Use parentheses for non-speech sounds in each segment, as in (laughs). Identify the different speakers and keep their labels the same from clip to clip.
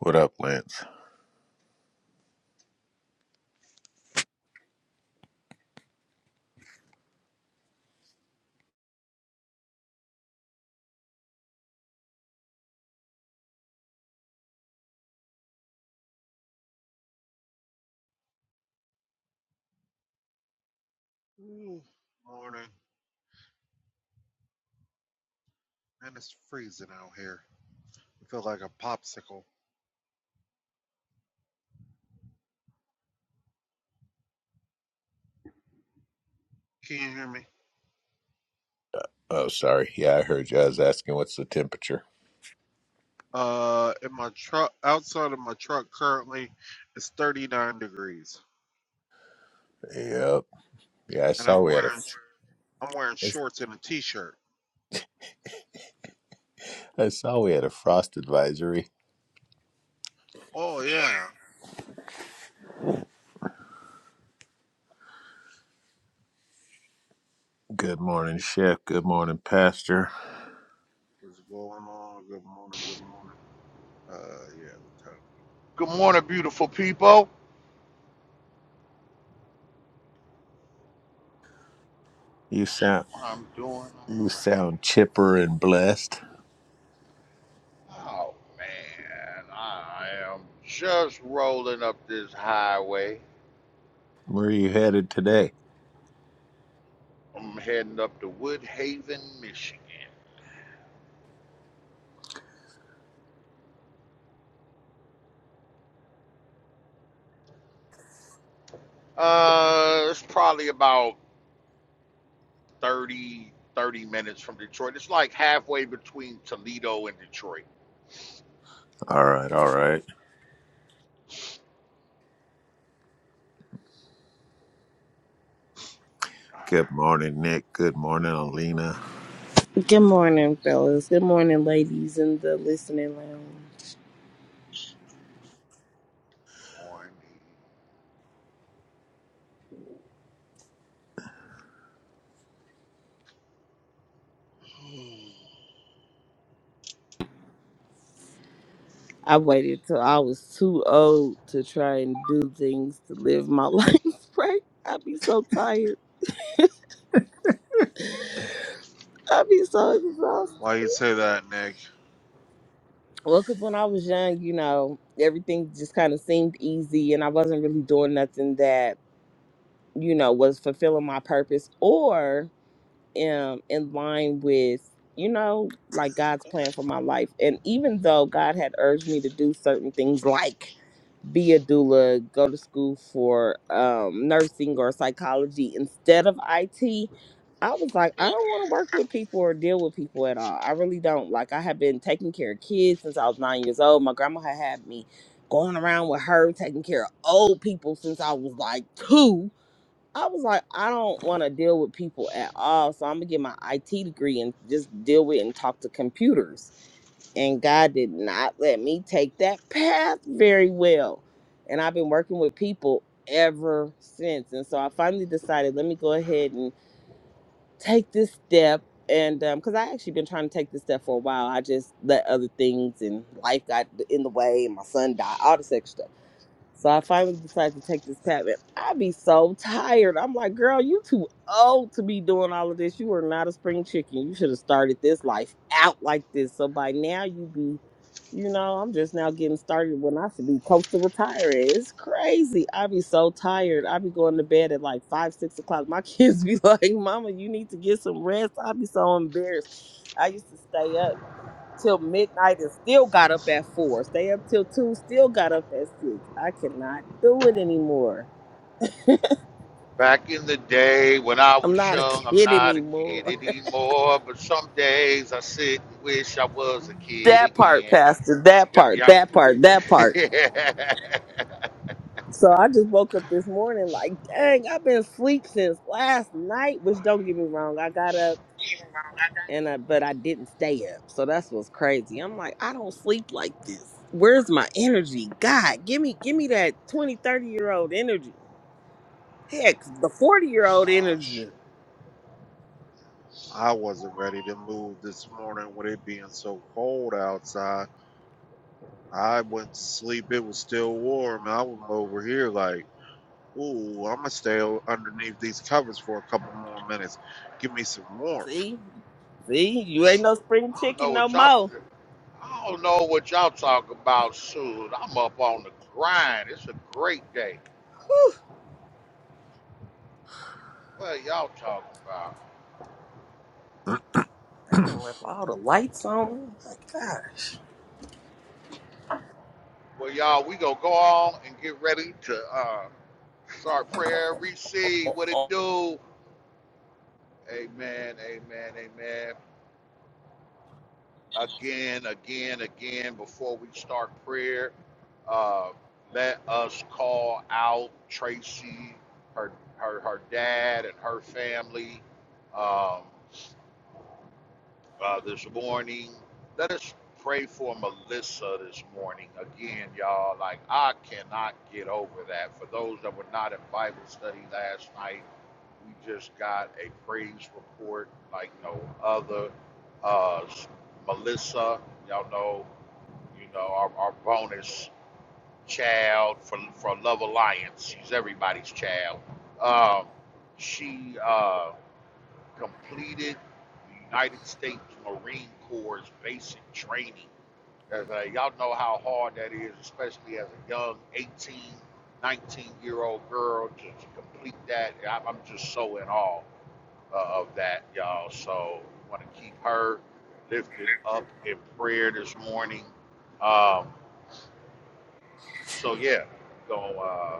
Speaker 1: What up, Lance?
Speaker 2: Ooh, morning, and it's freezing out here. I feel like a popsicle. Can you hear me?
Speaker 1: Oh, sorry. Yeah, I heard you. I was asking what's the temperature.
Speaker 2: Uh, in my truck, outside of my truck currently, it's 39 degrees,
Speaker 1: Yep. Yeah, I
Speaker 2: and
Speaker 1: saw
Speaker 2: I'm
Speaker 1: we had a
Speaker 2: wearing sh- I'm wearing shorts and a t-shirt.
Speaker 1: I saw we had a frost advisory.
Speaker 2: Oh yeah,
Speaker 1: Good morning, chef. Good morning, pastor.
Speaker 2: what's going on? Good morning, good morning. Uh, yeah, the
Speaker 3: Good morning, beautiful people.
Speaker 1: You sound
Speaker 3: I'm doing
Speaker 1: you
Speaker 3: all right.
Speaker 1: sound chipper and blessed.
Speaker 3: Oh man, I am just rolling up this highway.
Speaker 1: Where are you headed today?
Speaker 3: I'm heading up to Woodhaven, Michigan. Uh, it's probably about 30 30 minutes from Detroit. It's like halfway between Toledo and Detroit.
Speaker 1: All right, all right. Good morning, Nick. Good morning, Alina.
Speaker 4: Good morning, fellas. Good morning, ladies in the listening lounge.
Speaker 2: time. (sighs)
Speaker 4: I waited till I was too old to try and do things to live my (laughs) life right. I'd be so tired. I'd be so exhausted.
Speaker 2: Why you say that, Nick?
Speaker 4: Well, because when I was young, you know, everything just kind of seemed easy and I wasn't really doing nothing that, you know, was fulfilling my purpose or um, in line with, you know, like God's plan for my life. And even though God had urged me to do certain things like be a doula, go to school for um, nursing or psychology instead of IT. I was like, I don't want to work with people or deal with people at all. I really don't. Like, I have been taking care of kids since I was nine years old. My grandma had had me going around with her, taking care of old people since I was like two. I was like, I don't want to deal with people at all. So I'm going to get my IT degree and just deal with and talk to computers and God did not let me take that path very well. And I've been working with people ever since. And so I finally decided, let me go ahead and take this step. And because I actually been trying to take this step for a while, I just let other things and life got in the way, and my son died, all this extra stuff. So I finally decided to take this pap. And I be so tired. I'm like, girl, you too old to be doing all of this. You are not a spring chicken. You should have started this life out like this. So by now you be, you know, I'm just now getting started when I should be close to retiring. It's crazy. I be so tired. I be going to bed at like five, six o'clock. My kids be (laughs) like, Mama, you need to get some rest. I be so embarrassed. I used to stay up till midnight and still got up at four. Stay up till two, still got up at six. I cannot do it anymore.
Speaker 3: Back in the day when I
Speaker 4: I'm
Speaker 3: was
Speaker 4: not a (laughs)
Speaker 3: young, I'm
Speaker 4: kid
Speaker 3: not a kid
Speaker 4: anymore.
Speaker 3: anymore. But some days I sit and wish I was a kid
Speaker 4: That part,
Speaker 3: again.
Speaker 4: Pastor. That
Speaker 3: Yeah,
Speaker 4: part.
Speaker 3: yeah.
Speaker 4: That part. That
Speaker 3: (laughs) I
Speaker 4: part. So I just woke up this morning like, dang, I've been asleep since last night. Which don't get me wrong, I got up and I, but I didn't stay up. So that's what's crazy. I'm like, I don't sleep like this. Where's my energy? God, give me, give me that 20, 30 year old energy. Heck, the 40 year old
Speaker 2: Ah,
Speaker 4: energy.
Speaker 2: shoot. I wasn't ready to move this morning with it being so cold outside. I went to sleep. It was still warm. I was over here like, ooh, I'm gonna stay o- underneath these covers for a couple more minutes. Give me some warmth.
Speaker 4: See, see, you ain't no spring
Speaker 3: don't know
Speaker 4: chicken no
Speaker 3: what y'all.
Speaker 4: more.
Speaker 3: I don't know what y'all talk about, Soon I'm up on the grind. It's a great day. What are y'all talking about?
Speaker 4: They done left all the lights on. My gosh.
Speaker 3: Well, y'all, we gonna go on and get ready to uh, start prayer. Receive what it do. Amen. Amen. Amen. again, again, again before we start prayer. Uh, let us call out Tracy, her her her dad, and her family um, uh, this morning. Let us pray for Melissa this morning again, y'all. Like I cannot get over that. For those that were not in Bible study last night, we just got a praise report like no other. Uh, Melissa, y'all know you know, our, our bonus child for for Love Alliance. She's everybody's child. Um, she uh, completed the United States Marine Corps basic training. As, uh, y'all know how hard that is, especially as a young 18, 19 year old girl to, to complete that. I, I'm just so in awe uh, of that, y'all. So want to keep her lifted up in prayer this morning. Um, So yeah, go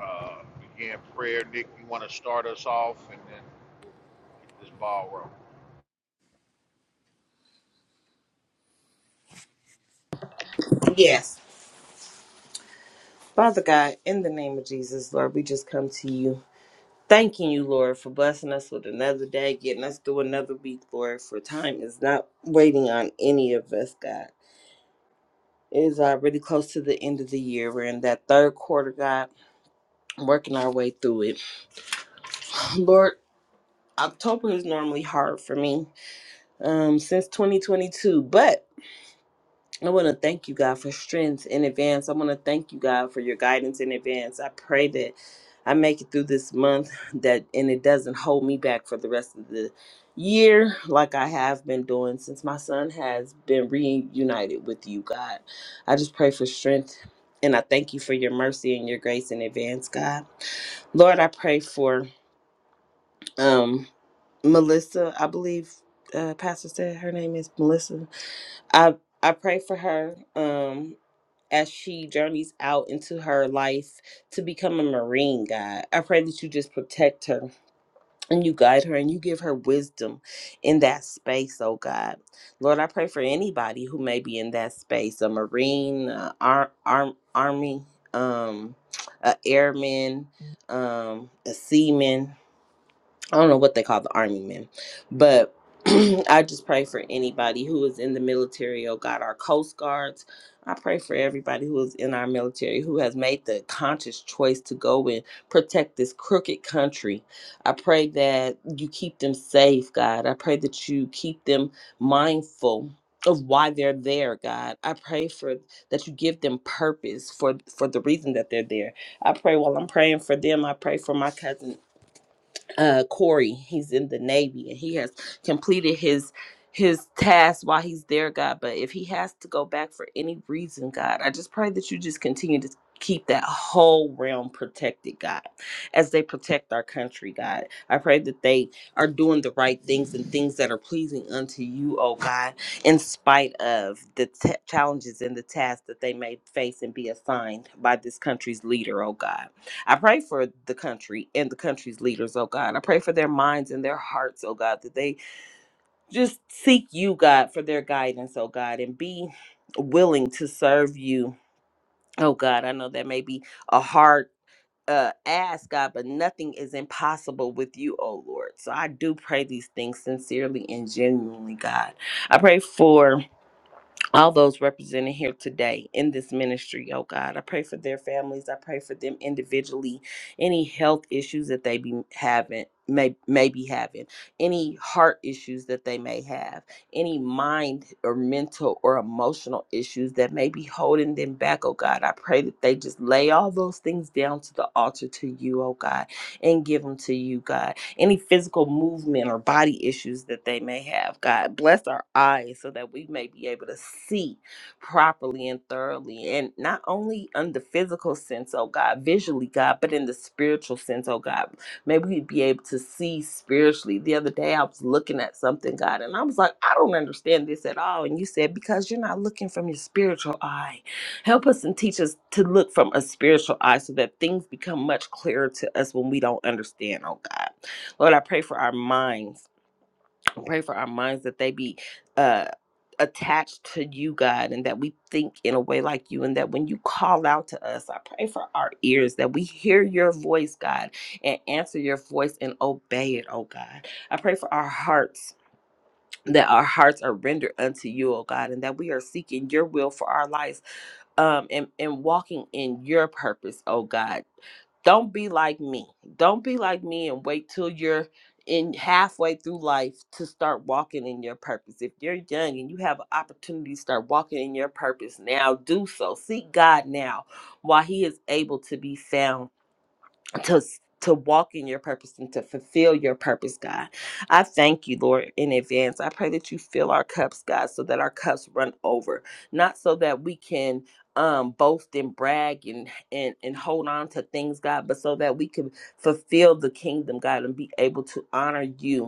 Speaker 3: uh, uh, begin prayer. Nick, you want to start us off, and then we'll get this ball rolling.
Speaker 4: Yes. Father God, in the name of Jesus, Lord, we just come to you. Thanking you, Lord, for blessing us with another day, getting us through another week, Lord, for time is not waiting on any of us, God. It is already close to the end of the year. We're in that third quarter, God, working our way through it. (sighs) Lord, October is normally hard for me um, since 2022, but I want to thank you, God, for strength in advance. I want to thank you, God, for your guidance in advance. I pray that I make it through this month (laughs) that and it doesn't hold me back for the rest of the year like I have been doing since my son has been reunited with you, God. I just pray for strength and I thank you for your mercy and your grace in advance, God. Lord, I pray for um Melissa, I believe uh, Pastor said her name is Melissa I I pray for her um as she journeys out into her life to become a marine god. I pray that you just protect her and you guide her and you give her wisdom in that space, oh God. Lord, I pray for anybody who may be in that space, a marine, uh, ar- arm army, um a airman, um a seaman, I don't know what they call the army men, but (clears throat) I just pray for anybody who is in the military. Oh God, our Coast Guards. I pray for everybody who is in our military who has made the conscious choice to go and protect this crooked country. I pray that you keep them safe, God. I pray that you keep them mindful of why they're there, God. I pray for that you give them purpose for for the reason that they're there. I pray while I'm praying for them, I pray for my cousin uh Corey. He's in the Navy and he has completed his his task while he's there, God. But if he has to go back for any reason, God, I just pray that you just continue to keep that whole realm protected, God, as they protect our country, God. I pray that they are doing the right things and things that are pleasing unto you, oh God, in spite of the t- challenges and the tasks that they may face and be assigned by this country's leader, oh God. I pray for the country and the country's leaders, oh God. I pray for their minds and their hearts, oh God, that they just seek you, God, for their guidance, oh God, and be willing to serve you, oh God. I know that may be a hard uh, ask, God, but nothing is impossible with you, oh Lord. So I do pray these things sincerely and genuinely, God. I pray for all those represented here today in this ministry, oh God. I pray for their families. I pray for them individually. Any health issues that they be having, may may be having, any heart issues that they may have, any mind or mental or emotional issues that may be holding them back, oh God. I pray that they just lay all those things down to the altar to you, oh God, and give them to you, God any physical movement or body issues that they may have. God, bless our eyes so that we may be able to see properly and thoroughly. And not only on the physical sense, oh God, visually, God, but in the spiritual sense, oh God. May we be able to see spiritually. The other day I was looking at something, God, and I was like, I don't understand this at all. And you said, because you're not looking from your spiritual eye. Help us and teach us to look from a spiritual eye so that things become much clearer to us when we don't understand, oh God. Lord, I pray for our minds. I pray for our minds that they be uh, attached to you, God, and that we think in a way like you, and that when you call out to us, I pray for our ears that we hear your voice, God, and answer your voice and obey it, oh God. I pray for our hearts. That our hearts are rendered unto you, oh God, and that we are seeking your will for our lives um and, and walking in your purpose oh god don't be like me. Don't be like me and wait till you're in halfway through life to start walking in your purpose. If you're young and you have an opportunity to start walking in your purpose now, do so. Seek God now while He is able to be found to to walk in your purpose and to fulfill your purpose, God. I thank you, Lord, in advance. I pray that you fill our cups, God, so that our cups run over, not so that we can um boast and brag and and and hold on to things, God, but so that we can fulfill the kingdom, God, and be able to honor you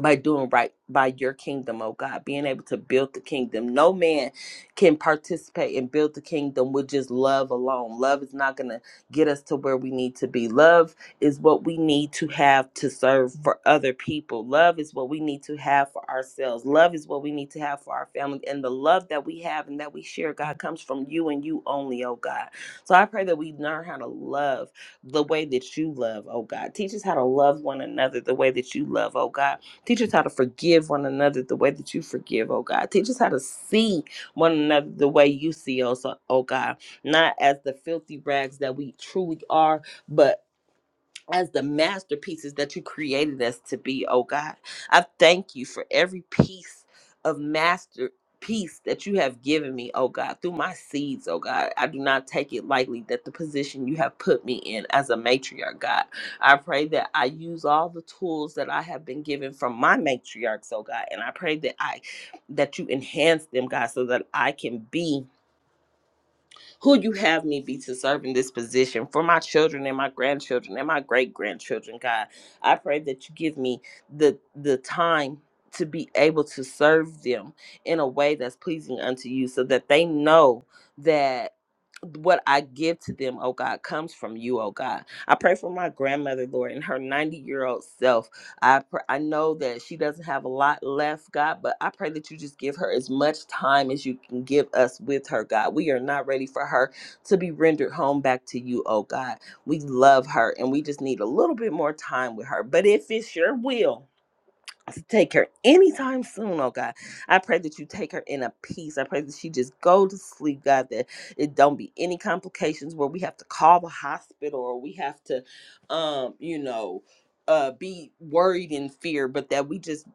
Speaker 4: by doing right by your kingdom, oh God, being able to build the kingdom. No man can participate and build the kingdom with just love alone. Love is not going to get us to where we need to be. Love is what we need to have to serve for other people. Love is what we need to have for ourselves. Love is what we need to have for our family. And the love that we have and that we share, God, comes from you and you only, oh God. So I pray that we learn how to love the way that you love, oh God. Teach us how to love one another the way that you love, oh God Teach us how to forgive one another the way that you forgive, oh God. Teach us how to see one another the way you see us, oh oh God. Not as the filthy rags that we truly are, but as the masterpieces that you created us to be, oh God. I thank you for every piece of masterpiece that you have given me, oh God, through my seeds, oh God. I do not take it lightly that the position you have put me in as a matriarch, God. I pray that I use all the tools that I have been given from my matriarchs, oh God, and I pray that I that you enhance them, God, so that I can be who you have me be to serve in this position for my children and my grandchildren and my great grandchildren, God. I pray that you give me the the time to be able to serve them in a way that's pleasing unto you so that they know that what I give to them, oh God, comes from you, oh God. I pray for my grandmother, Lord, and her 90 year old self I pr- I know that she doesn't have a lot left, God, but I pray that you just give her as much time as you can give us with her, God. We are not ready for her to be rendered home back to you, oh God. We love her and we just need a little bit more time with her. But if it's your will, to take her anytime soon, oh God. I pray that you take her in a peace. I pray that she just go to sleep, God, that it don't be any complications where we have to call the hospital or we have to um, you know, uh be worried and fear, but that we just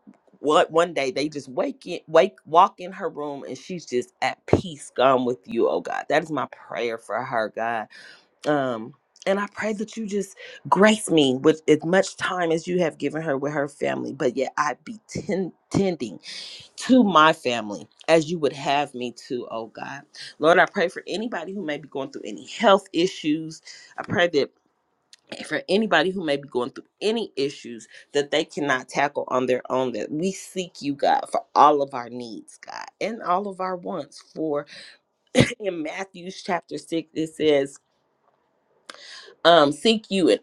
Speaker 4: what one day they just wake in wake walk in her room and she's just at peace gone with you, oh God. That is my prayer for her, God um and i pray that you just grace me with as much time as you have given her with her family but yet i be ten- tending to my family as you would have me to oh god lord i pray for anybody who may be going through any health issues i pray that for anybody who may be going through any issues that they cannot tackle on their own that we seek you god for all of our needs god and all of our wants for in matthews chapter 6 it says um seek you in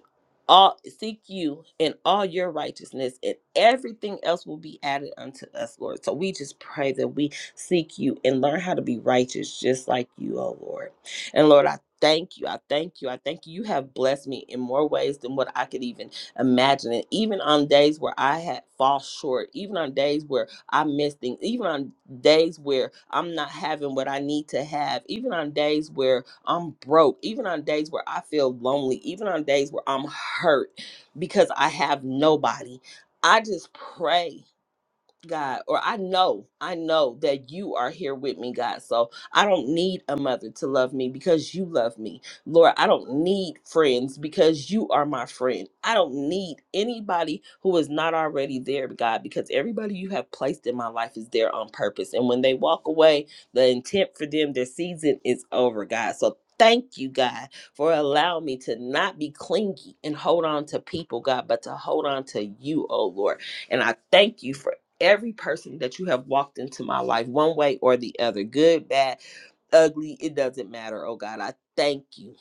Speaker 4: all seek you in all your righteousness and everything else will be added unto us lord so we just pray that we seek you and learn how to be righteous just like you oh lord and lord i thank you i thank you i thank you you have blessed me in more ways than what i could even imagine and even on days where i had fall short even on days where I miss things. Even on days where I'm not having what I need to have, even on days where I'm broke, even on days where I feel lonely, even on days where I'm hurt because I have nobody. I just pray God, or I know, I know that you are here with me, God. So I don't need a mother to love me because you love me. Lord, I don't need friends because you are my friend. I don't need anybody who is not already there, God, because everybody you have placed in my life is there on purpose. And when they walk away, the intent for them, their season is over, God. So Thank you, God, for allowing me to not be clingy and hold on to people, God, but to hold on to you, oh Lord. And I thank you for every person that you have walked into my life one way or the other good bad ugly it doesn't matter oh god i thank you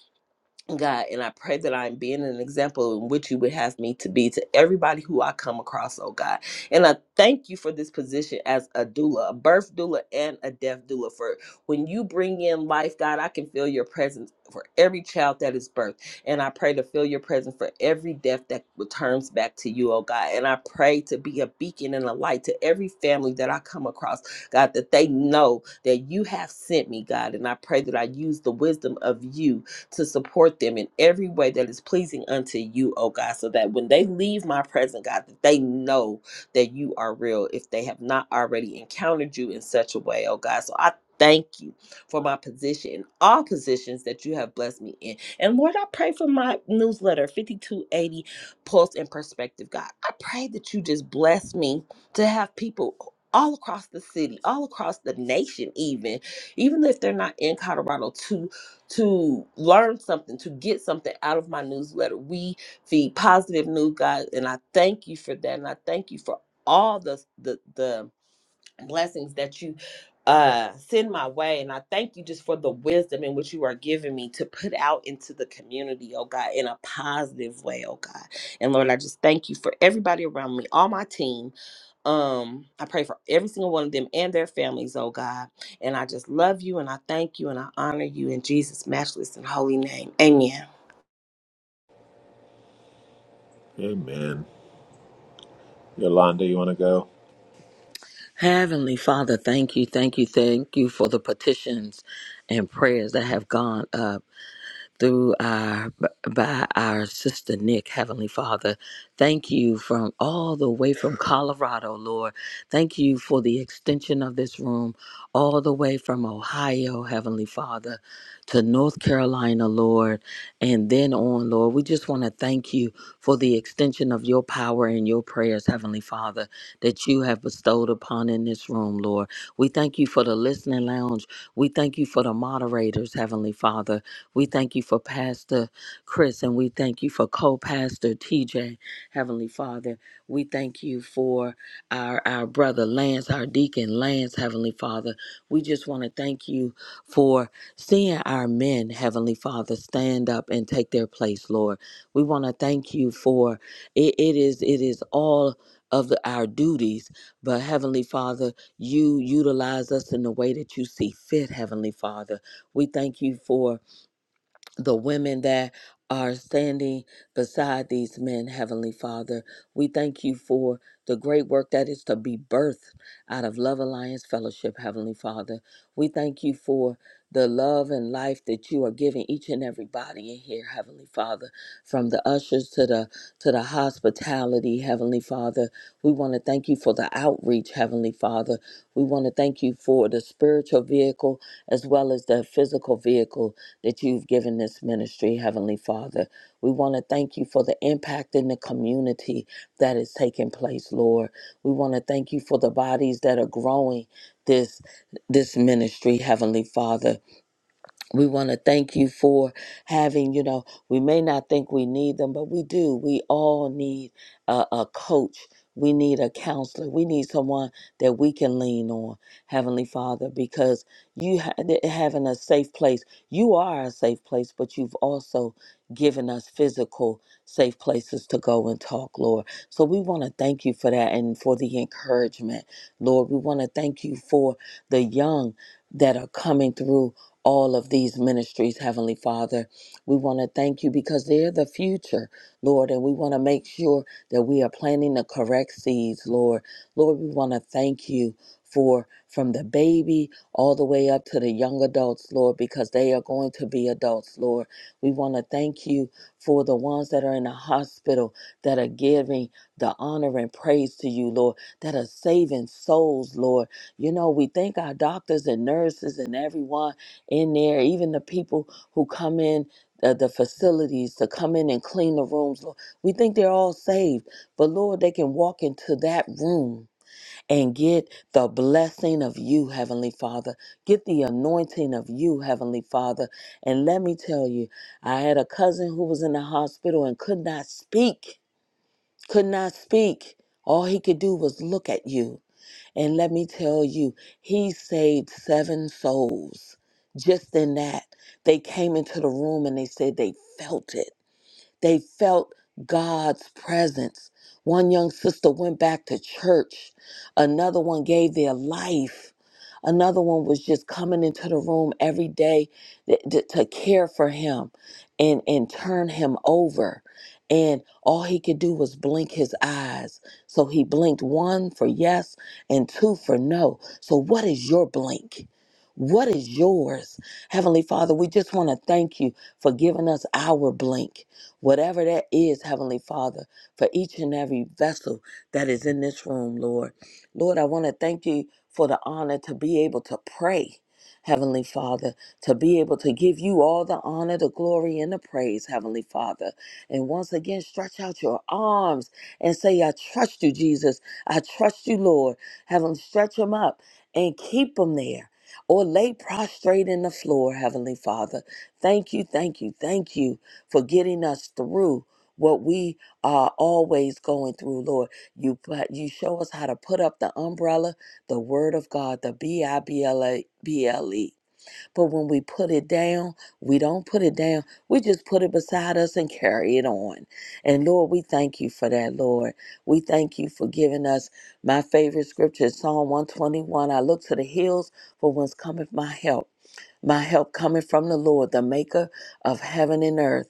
Speaker 4: God, and I pray that I'm being an example in which you would have me to be to everybody who I come across, oh God. And I thank you for this position as a doula, a birth doula and a death doula. For when you bring in life, God, I can feel your presence for every child that is birthed. And I pray to feel your presence for every death that returns back to you, oh God. And I pray to be a beacon and a light to every family that I come across, God, that they know that you have sent me, God. And I pray that I use the wisdom of you to support them in every way that is pleasing unto you, oh God, so that when they leave my presence, God, that they know that you are real if they have not already encountered you in such a way, oh God. So I thank you for my position in all positions that you have blessed me in. And Lord, I pray for my newsletter, 5280 Pulse and Perspective, God. I pray that you just bless me to have people all across the city, all across the nation, even, even if they're not in Colorado, to to learn something, to get something out of my newsletter. We feed positive news, guys, and I thank you for that. And I thank you for all the the the blessings that you uh send my way and i thank you just for the wisdom in which you are giving me to put out into the community oh god in a positive way oh god and lord i just thank you for everybody around me all my team um i pray for every single one of them and their families oh god and i just love you and i thank you and i honor you in jesus matchless and holy name amen
Speaker 1: Amen. Yolanda, you want to go?
Speaker 5: Heavenly Father, thank you, thank you, thank you for the petitions and prayers that have gone up through our by our sister Nick, Heavenly Father. Thank you from all the way from Colorado, Lord. Thank you for the extension of this room all the way from Ohio, Heavenly Father, to North Carolina, Lord, and then on, Lord. We just want to thank you for the extension of your power and your prayers, Heavenly Father, that you have bestowed upon in this room, Lord. We thank you for the listening lounge. We thank you for the moderators, Heavenly Father. We thank you for Pastor Chris and we thank you for co pastor TJ, Heavenly Father. We thank you for our, our brother Lance, our deacon Lance, Heavenly Father. We just want to thank you for seeing our men, Heavenly Father, stand up and take their place, Lord. We want to thank you for it, it is it is all of the, our duties, but Heavenly Father, you utilize us in the way that you see fit, Heavenly Father. We thank you for the women that are standing beside these men, Heavenly Father. We thank you for the great work that is to be birthed out of Love Alliance Fellowship, Heavenly Father. We thank you for the love and life that you are giving each and every body in here, Heavenly Father, from the ushers to the to the hospitality, Heavenly Father. We want to thank you for the outreach, Heavenly Father. We want to thank you for the spiritual vehicle as well as the physical vehicle that you've given this ministry, Heavenly Father. We want to thank you for the impact in the community that is taking place, Lord. We want to thank you for the bodies that are growing this this ministry, Heavenly Father we want to thank you for having you know we may not think we need them but we do we all need a, a coach we need a counselor we need someone that we can lean on heavenly father because you ha- th- having a safe place you are a safe place but you've also given us physical safe places to go and talk lord so we want to thank you for that and for the encouragement lord we want to thank you for the young that are coming through all of these ministries, Heavenly Father. We want to thank you because they're the future, Lord, and we want to make sure that we are planting the correct seeds, Lord. Lord, we want to thank you for from the baby all the way up to the young adults, Lord, because they are going to be adults, Lord. We want to thank you for the ones that are in the hospital that are giving the honor and praise to you, Lord, that are saving souls, Lord. You know, we thank our doctors and nurses and everyone in there, even the people who come in the, the facilities to come in and clean the rooms. Lord, we think they're all saved, but Lord, they can walk into that room and get the blessing of you, Heavenly Father. Get the anointing of you, Heavenly Father. And let me tell you, I had a cousin who was in the hospital and could not speak, could not speak. All he could do was look at you. And let me tell you, he saved seven souls just in that. They came into the room and they said they felt it they felt God's presence. One young sister went back to church, another one gave their life. Another one was just coming into the room every day th- th- to care for him and, and turn him over. And all he could do was blink his eyes. So he blinked one for yes and two for no. So, what is your blink? What is yours? Heavenly Father, we just want to thank you for giving us our blink whatever that is, Heavenly Father, for each and every vessel that is in this room, Lord. Lord, I want to thank you for the honor to be able to pray. Heavenly Father, to be able to give you all the honor, the glory, and the praise, Heavenly Father. And once again, stretch out your arms and say, I trust you, Jesus. I trust you, Lord. Heavenly, stretch them up and keep them there or lay prostrate in the floor, Heavenly Father. Thank you, thank you, thank you for getting us through what we are always going through, Lord. You put- you show us how to put up the umbrella, the word of God, the B I B L A B L E. But when we put it down, we don't put it down. We just put it beside us and (laughs) carry it on. And Lord, we thank you for that, Lord. We thank you for giving us my favorite scripture, Psalm 121. I look to the hills for whence cometh my help. My help cometh from the Lord, the maker of heaven and earth.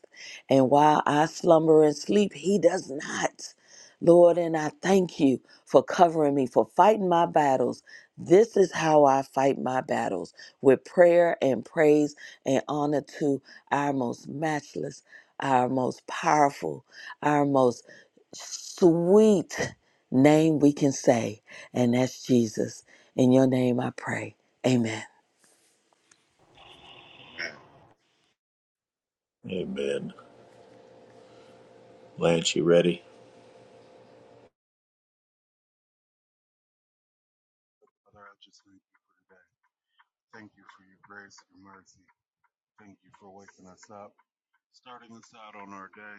Speaker 5: And while I slumber and sleep, he does not. Lord, and I thank you for covering me, for fighting my battles. This is how I fight my battles with prayer and praise and honor to our most matchless, our most powerful, our most sweet name we can say. And that's Jesus. In your name I pray. Amen.
Speaker 3: Amen.
Speaker 1: Amen. Lance, you ready?
Speaker 2: Father, I just thank you for today. Thank you for your grace, your mercy. Thank you for waking us up, starting us out on our day,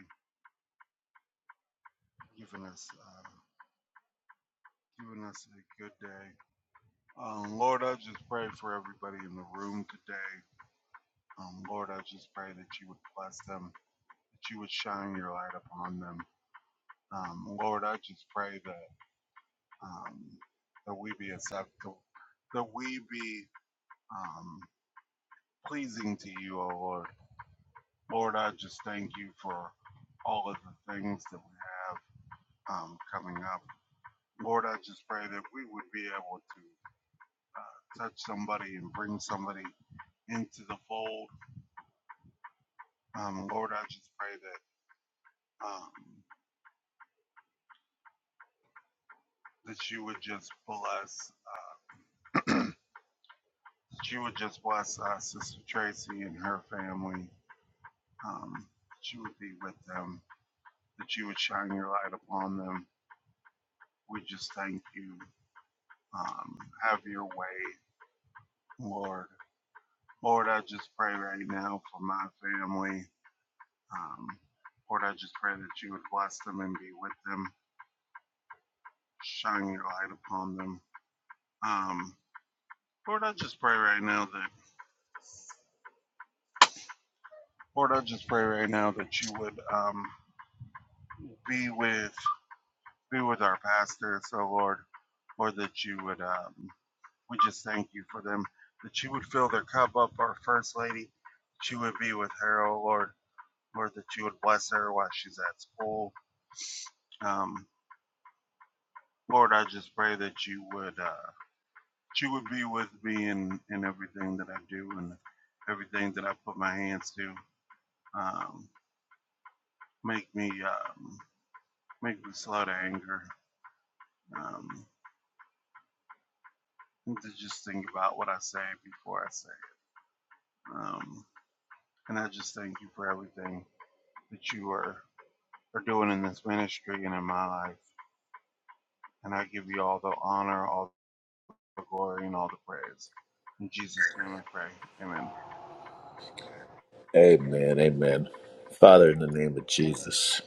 Speaker 2: giving us uh, giving us a good day. Um, Lord, I just pray for everybody in the room today. Um, Lord, I just pray that you would bless them, that you would shine your light upon them, Um, Lord, I just pray that um, that we be acceptable, that we be um, pleasing to you, O Lord. Lord, I just thank you for all of the things that we have um, coming up. Lord, I just pray that we would be able to uh, touch somebody and bring somebody into the fold. Um, Lord, I just pray that um, that you would just bless, uh, that you would just bless uh, Sister Tracy and her family. um, that you would be with them, that you would shine your light upon them. We just thank you. Um, have your way, Lord. Lord, I just pray right now for my family. Um, Lord, I just pray that you would bless them and be with them, shine your light upon them. Um, Lord, I just pray right now that, Lord, I just pray right now that you would um, be with, be with our pastor. So, Lord, Lord, that you would. Um, We just thank you for them, that you would fill their cup up, our First Lady, that you would be with her, oh Lord. Lord, that you would bless her while she's at school. Um, Lord, I just pray that you would, uh, that you would be with me in, in everything that I do and everything that I put my hands to. Um, make me, um, make me slow to anger. Um, to just think about what I say before I say it. Um, and I just thank you for everything that you are Are doing in this ministry and in my life. And I give you all the honor, all the glory, and all the praise. In Jesus' name I pray. Amen.
Speaker 1: Amen. Amen. Father, in the name of Jesus.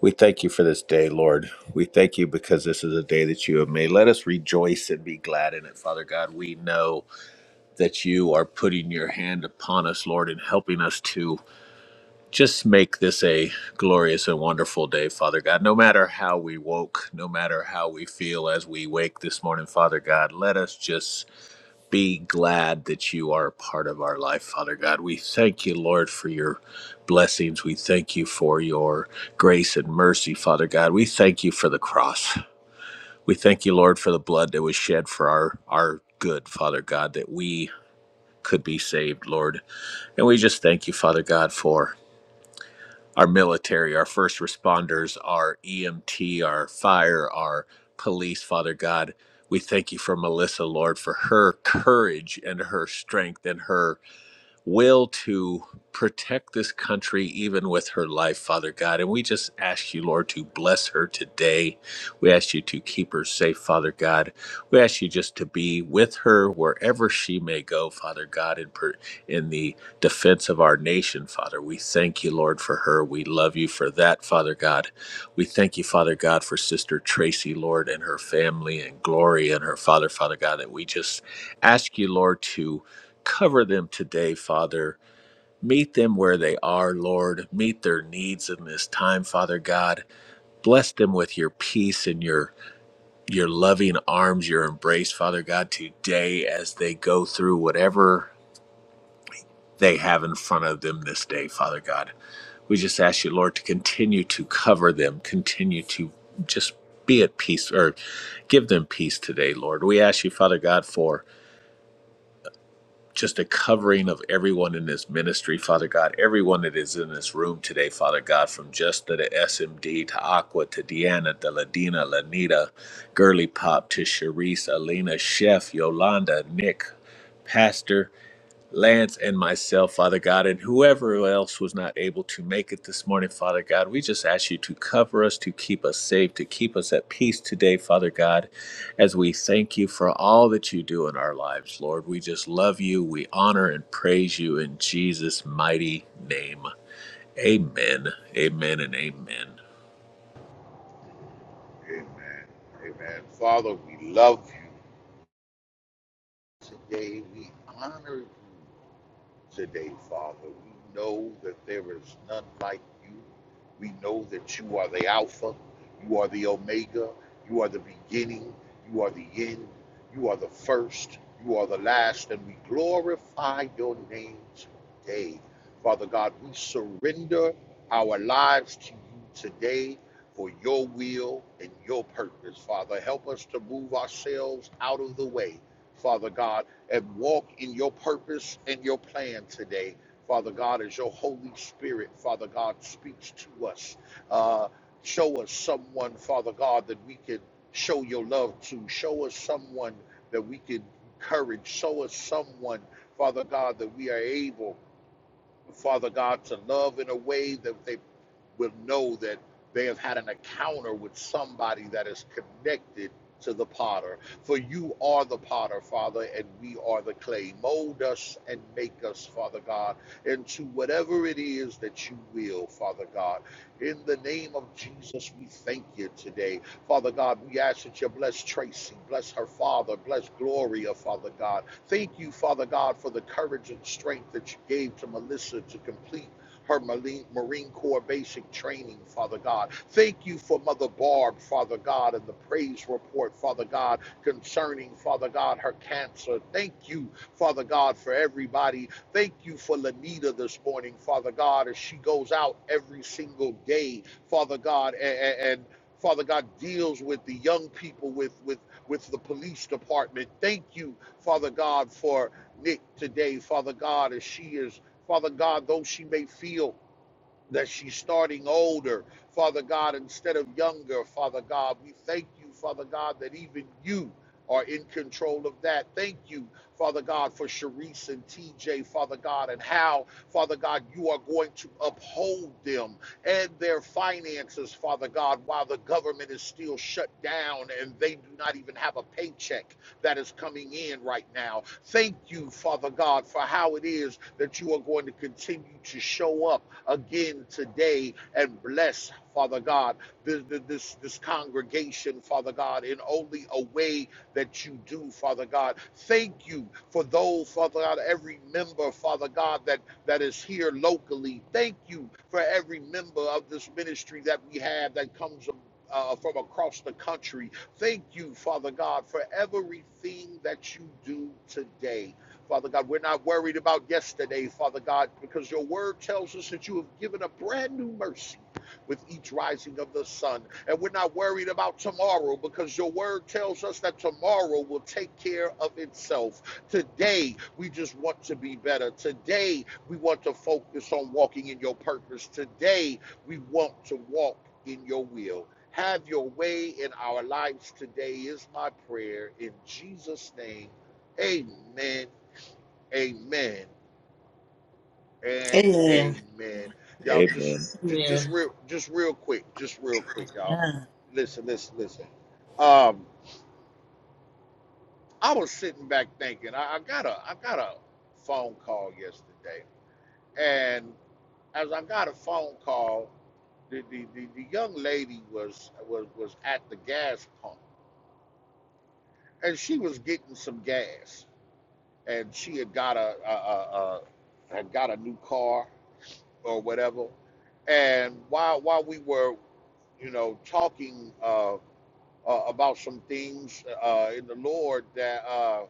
Speaker 1: We thank you for this day, Lord. We thank you because this is a day that you have made. Let us rejoice and be glad in it, Father God. We know that you are putting your hand upon us, Lord, and helping us to just make this a glorious and wonderful day, Father God. No matter how we woke, no matter how we feel as we wake this morning, Father God, let us just be glad that you are a part of our life, Father God. We thank you, Lord, for your blessings. We thank you for your grace and mercy, Father God. We thank you for the cross. We thank you, Lord, for the blood that was shed for our, our good, Father God, that we could be saved, Lord. And we just thank you, Father God, for our military, our first responders, our EMT, our fire, our police, Father God. We thank you for Melissa, Lord, for her courage and her strength and her will to protect this country even with her life, Father God. And we just ask you, Lord, to bless her today. We ask you to keep her safe, Father God. We ask you just to be with her wherever she may go, Father God, in, per- in the defense of our nation, Father. We thank you, Lord, for her. We love you for that, Father God. We thank you, Father God, for Sister Tracy, Lord, and her family and Glory and her father, Father God, that we just ask you, Lord, to Cover them today, Father. Meet them where they are, Lord. Meet their needs in this time, Father God. Bless them with your peace and your your loving arms, your embrace, Father God, today as they go through whatever they have in front of them this day, Father God. We just ask you, Lord, to continue to cover them, continue to just be at peace or give them peace today, Lord. We ask you, Father God, for just a covering of everyone in this ministry, Father God, everyone that is in this room today, Father God, from just to the SMD to Aqua to Deanna to Ladina, Lanita, Girly Pop to Sharice, Alina, Chef, Yolanda, Nick, Pastor. Lance and myself, Father God, and whoever else was not able to make it this morning, Father God, we just ask you to cover us, to keep us safe, to keep us at peace today, Father God, as we thank you for all that you do in our lives, Lord. We just love you. We honor and praise you in Jesus' mighty name. Amen. Amen and amen.
Speaker 3: Amen. Amen. Father, we love you. Today we honor you. today, Father. We know that there is none like you. We know that you are the Alpha, you are the Omega, you are the beginning, you are the end, you are the first, you are the last, and we glorify your name today. Father God, we surrender our lives to you today for your will and your purpose, Father. Help us to move ourselves out of the way. Father God, and walk in your purpose and your plan today. Father God, as your Holy Spirit, Father God, speaks to us. Uh, show us someone, Father God, that we can show your love to. Show us someone that we can encourage. Show us someone, Father God, that we are able, Father God, to love in a way that they will know that they have had an encounter with somebody that is connected to the potter. For you are the potter, Father, and we are the clay. Mold us and make us, Father God, into whatever it is that you will, Father God. In the name of Jesus, we thank you today. Father God, we ask that you bless Tracy, bless her father, bless Gloria, Father God. Thank you, Father God, for the courage and strength that you gave to Melissa to complete her Marine, Corps basic training, Father God. Thank you for Mother Barb, Father God, and the praise report, Father God, concerning, Father God, her cancer. Thank you, Father God, for everybody. Thank you for Lanita this morning, Father God, as she goes out every single day, Father God, a- and Father God deals with the young people, with with with the police department. Thank you, Father God, for Nick today, Father God, as she is Father God, though she may feel that she's starting older, Father God, instead of younger, Father God. We thank you, Father God, that even you are in control of that. Thank you, Father God, for Sharice and TJ, Father God, and how, Father God, you are going to uphold them and their finances, Father God, while the government is still shut down and they do not even have a paycheck that is coming in right now. Thank you, Father God, for how it is that you are going to continue to show up again today and bless, Father God, this, this, this congregation, Father God, in only a way that you do, Father God. Thank you for those, Father God, every member, Father God, that, that is here locally. Thank you for every member of this ministry that we have that comes uh, from across the country. Thank you, Father God, for everything that you do today. Father God, we're not worried about yesterday, Father God, because your word tells us that you have given a brand new mercy with each rising of the sun. And we're not worried about tomorrow because your word tells us that tomorrow will take care of itself. Today, we just want to be better. Today, we want to focus on walking in your purpose. Today, we want to walk in your will. Have your way in our lives today, is my prayer. In Jesus' name, amen Amen and
Speaker 4: Amen.
Speaker 3: amen. Y'all just
Speaker 1: Amen.
Speaker 3: just, just
Speaker 4: Amen.
Speaker 3: real just real quick, just real quick, y'all. Listen, listen, listen. Um, I was sitting back thinking, I, I got a I got a phone call yesterday. And as I got a phone call, the, the, the, the young lady was, was was at the gas pump and she was getting some gas and she had got a, a, a, a had got a new car or whatever. And while while we were, you know, talking uh, uh, about some things uh, in the Lord, that uh,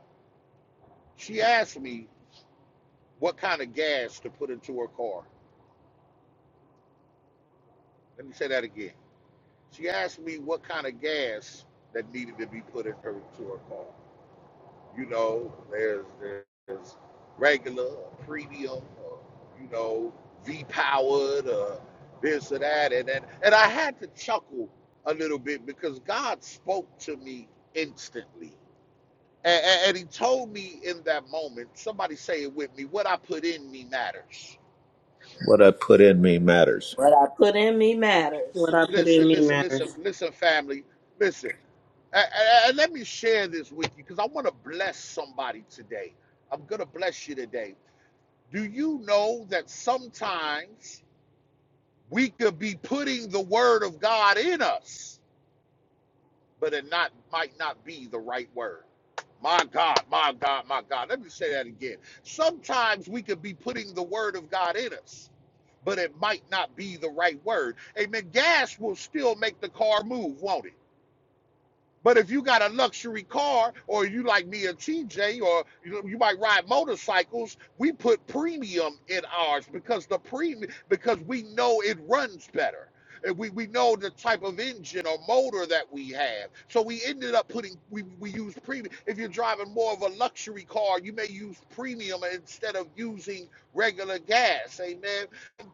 Speaker 3: she asked me what kind of gas to put into her car. Let me say that again. She asked me what kind of gas that needed to be put in her into her car. You know, there's there's regular, or premium, or, you know, V powered, or this or that, and then and I had to chuckle a little bit because God spoke to me instantly, and, and, and He told me in that moment. Somebody say it with me. What I put in me matters.
Speaker 1: What I put in me matters.
Speaker 5: What I put in me
Speaker 4: What
Speaker 5: matters.
Speaker 4: I put in
Speaker 3: Listen,
Speaker 4: me
Speaker 3: listen, listen,
Speaker 4: matters.
Speaker 3: listen, family, listen. And, and and let me share this with you because I want to bless somebody today. I'm gonna bless you today Do you know that sometimes we could be putting the word of God in us, but it not might not be the right word? My God, my God, my God. Let me say that again. Sometimes we could be putting the word of God in us, but it might not be the right word. Amen. Gas will still make the car move, won't it? But if you got a luxury car, or you like me and TJ, or you, you might ride motorcycles, we put premium in ours because the premium because we know it runs better. And we, we know the type of engine or motor that we have. So we ended up putting we, we use premium. If you're driving more of a luxury car, you may use premium instead of using regular gas. Amen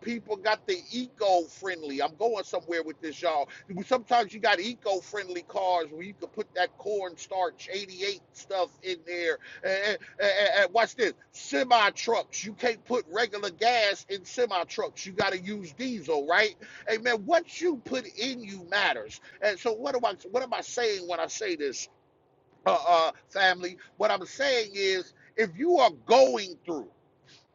Speaker 3: people got the eco-friendly. I'm going somewhere with this, y'all. Sometimes you got eco-friendly cars where you can put that cornstarch 88 stuff in there. And, and- and- and watch this: semi trucks. You can't put regular gas in semi trucks. You got to use diesel, right? Hey man, what you put in you matters. And so, what am I? What am I saying when I say this, uh, uh, family? What I'm saying is, if you are going through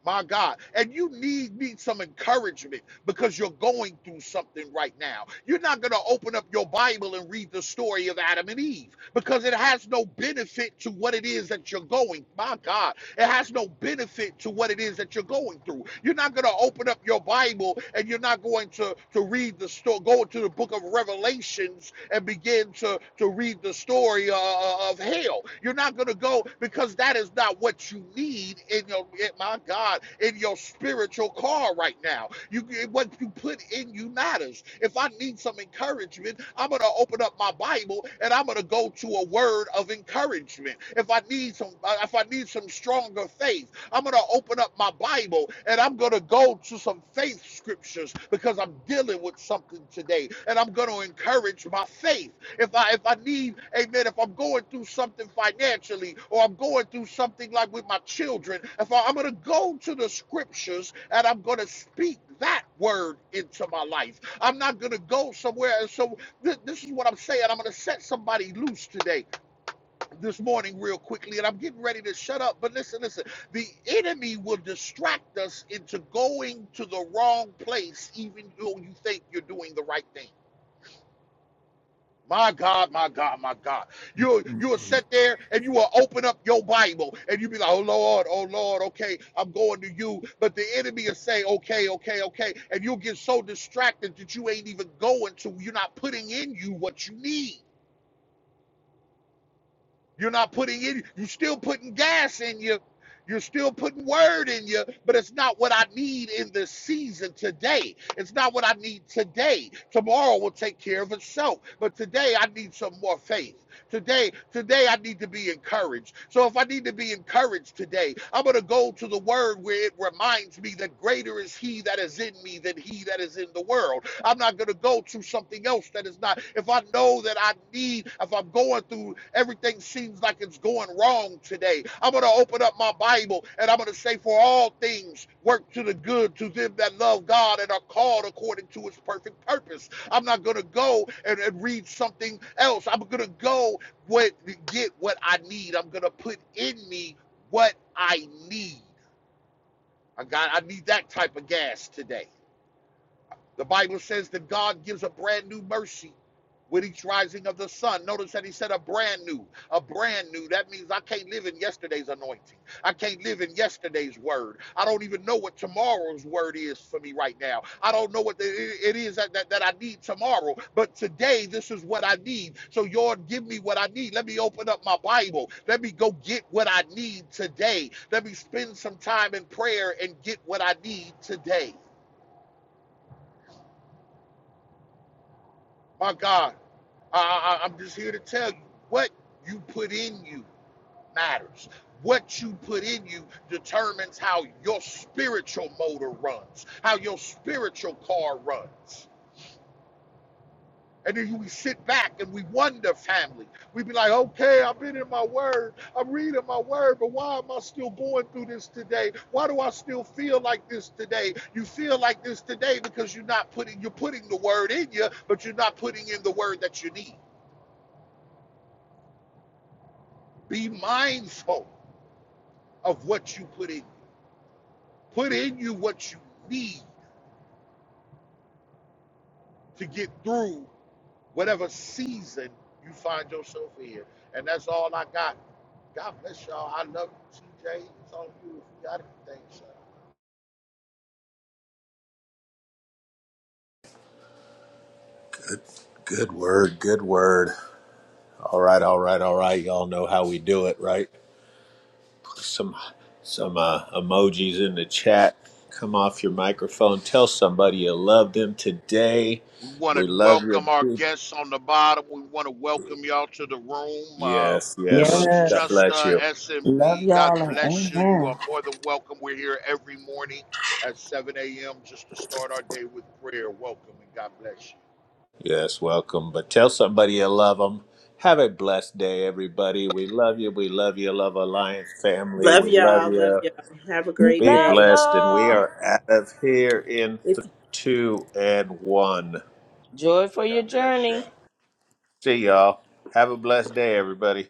Speaker 3: my God. And you need need some encouragement because you're going through something right now. You're not going to open up your Bible and read the story of Adam and Eve because it has no benefit to what it is that you're going. My God. It has no benefit to what it is that you're going through. You're not going to open up your Bible and you're not going to, to read the story, go to the book of Revelations and begin to, to read the story uh, uh, of hell. You're not going to go because that is not what you need need in your, my God, in your spiritual car right now. You What you put in you matters. If I need some encouragement, I'm going to open up my Bible and I'm going to go to a word of encouragement. If I need some, uh, if I need some stronger faith, I'm going to open up my Bible and I'm going to go to some faith scriptures because I'm dealing with something today and I'm going to encourage my faith if I if I need, amen, if I'm going through something financially or I'm going through something like with my children, if I, I'm gonna go to the scriptures and I'm gonna speak that word into my life. I'm not gonna go somewhere. And so th- this is what I'm saying. I'm gonna set somebody loose today, this morning, real quickly, and I'm getting ready to shut up. But listen, listen, the enemy will distract us into going to the wrong place, even though you think you're doing the right thing. My God, my God, my God. You'll you'll sit there and you will open up your Bible and you'll be like, oh Lord, oh Lord, okay, I'm going to you. But the enemy will say, okay, okay, okay. And you'll get so distracted that you ain't even going to, you're not putting in you what you need. You're not putting in, you're still putting gas in you. You're still putting word in you, but it's not what I need in this season today. It's not what I need today. Tomorrow will take care of itself. But today I need some more faith. Today, today I need to be encouraged. So if I need to be encouraged today, I'm gonna go to the word where it reminds me that greater is he that is in me than he that is in the world. I'm not going to go to something else that is not. If I know that I need, if I'm going through everything seems like it's going wrong today, I'm going to open up my Bible and I'm going to say, For all things work to the good to them that love God and are called according to his perfect purpose. I'm not going to go and, and read something else. I'm going to go what, get what I need. I'm going to put in me what I need. I got I need that type of gas today. The Bible says that God gives a brand new mercy with each rising of the sun. Notice that he said a brand new, a brand new. That means I can't live in yesterday's anointing. I can't live in yesterday's word. I don't even know what tomorrow's word is for me right now. I don't know what the, it is that, that, that I need tomorrow, but today this is what I need. So, Lord, give me what I need. Let me open up my Bible. Let me go get what I need today. Let me spend some time in prayer and get what I need today. My God. Uh, I- I'm just here to tell you what you put in you matters. What you put in you determines how your spiritual motor runs, how your spiritual car runs. And then we sit back and we wonder, family. We be like, okay, I've been in my word. I'm reading my word, but why am I still going through this today? Why do I still feel like this today? You feel like this today because you're not putting, you're putting the word in you, but you're not putting in the word that you need. Be mindful of what you put in. Put in you what you need to get through whatever season you find yourself in. And that's all I got. God bless y'all. I love you, TJ. It's on you if you got anything, son.
Speaker 1: Good word, good word. All right, all right, all right. Y'all know how we do it, right? some some uh, emojis in the chat. Come off your microphone. Tell somebody you love them today.
Speaker 3: We want to
Speaker 1: We love
Speaker 3: welcome our
Speaker 1: you.
Speaker 3: guests on the bottom. We want to welcome y'all to the room. Uh,
Speaker 1: Yes,
Speaker 3: it
Speaker 1: yes.
Speaker 3: looks
Speaker 5: Yes.
Speaker 1: God
Speaker 3: just
Speaker 1: bless
Speaker 3: uh,
Speaker 1: you.
Speaker 5: Love
Speaker 3: SMD. God
Speaker 5: y'all and
Speaker 3: bless you. You
Speaker 5: amen.
Speaker 3: are more than welcome. We're here every morning at 7 a.m. just to start our day with prayer. Welcome and God bless you.
Speaker 1: Yes, welcome. But tell somebody you love them. Have a blessed day, everybody. We love you. We love you. Love Alliance family.
Speaker 4: Love
Speaker 1: We love
Speaker 4: y'all. Love
Speaker 1: you.
Speaker 4: y'all. Have a great
Speaker 1: Be
Speaker 5: Love
Speaker 4: day.
Speaker 1: blessed. And we
Speaker 5: y'all.
Speaker 1: are out of here in
Speaker 4: If
Speaker 1: th- two and one.
Speaker 5: Joy for
Speaker 3: God
Speaker 5: your
Speaker 3: bless you.
Speaker 5: journey.
Speaker 1: See y'all. Have a blessed day, everybody.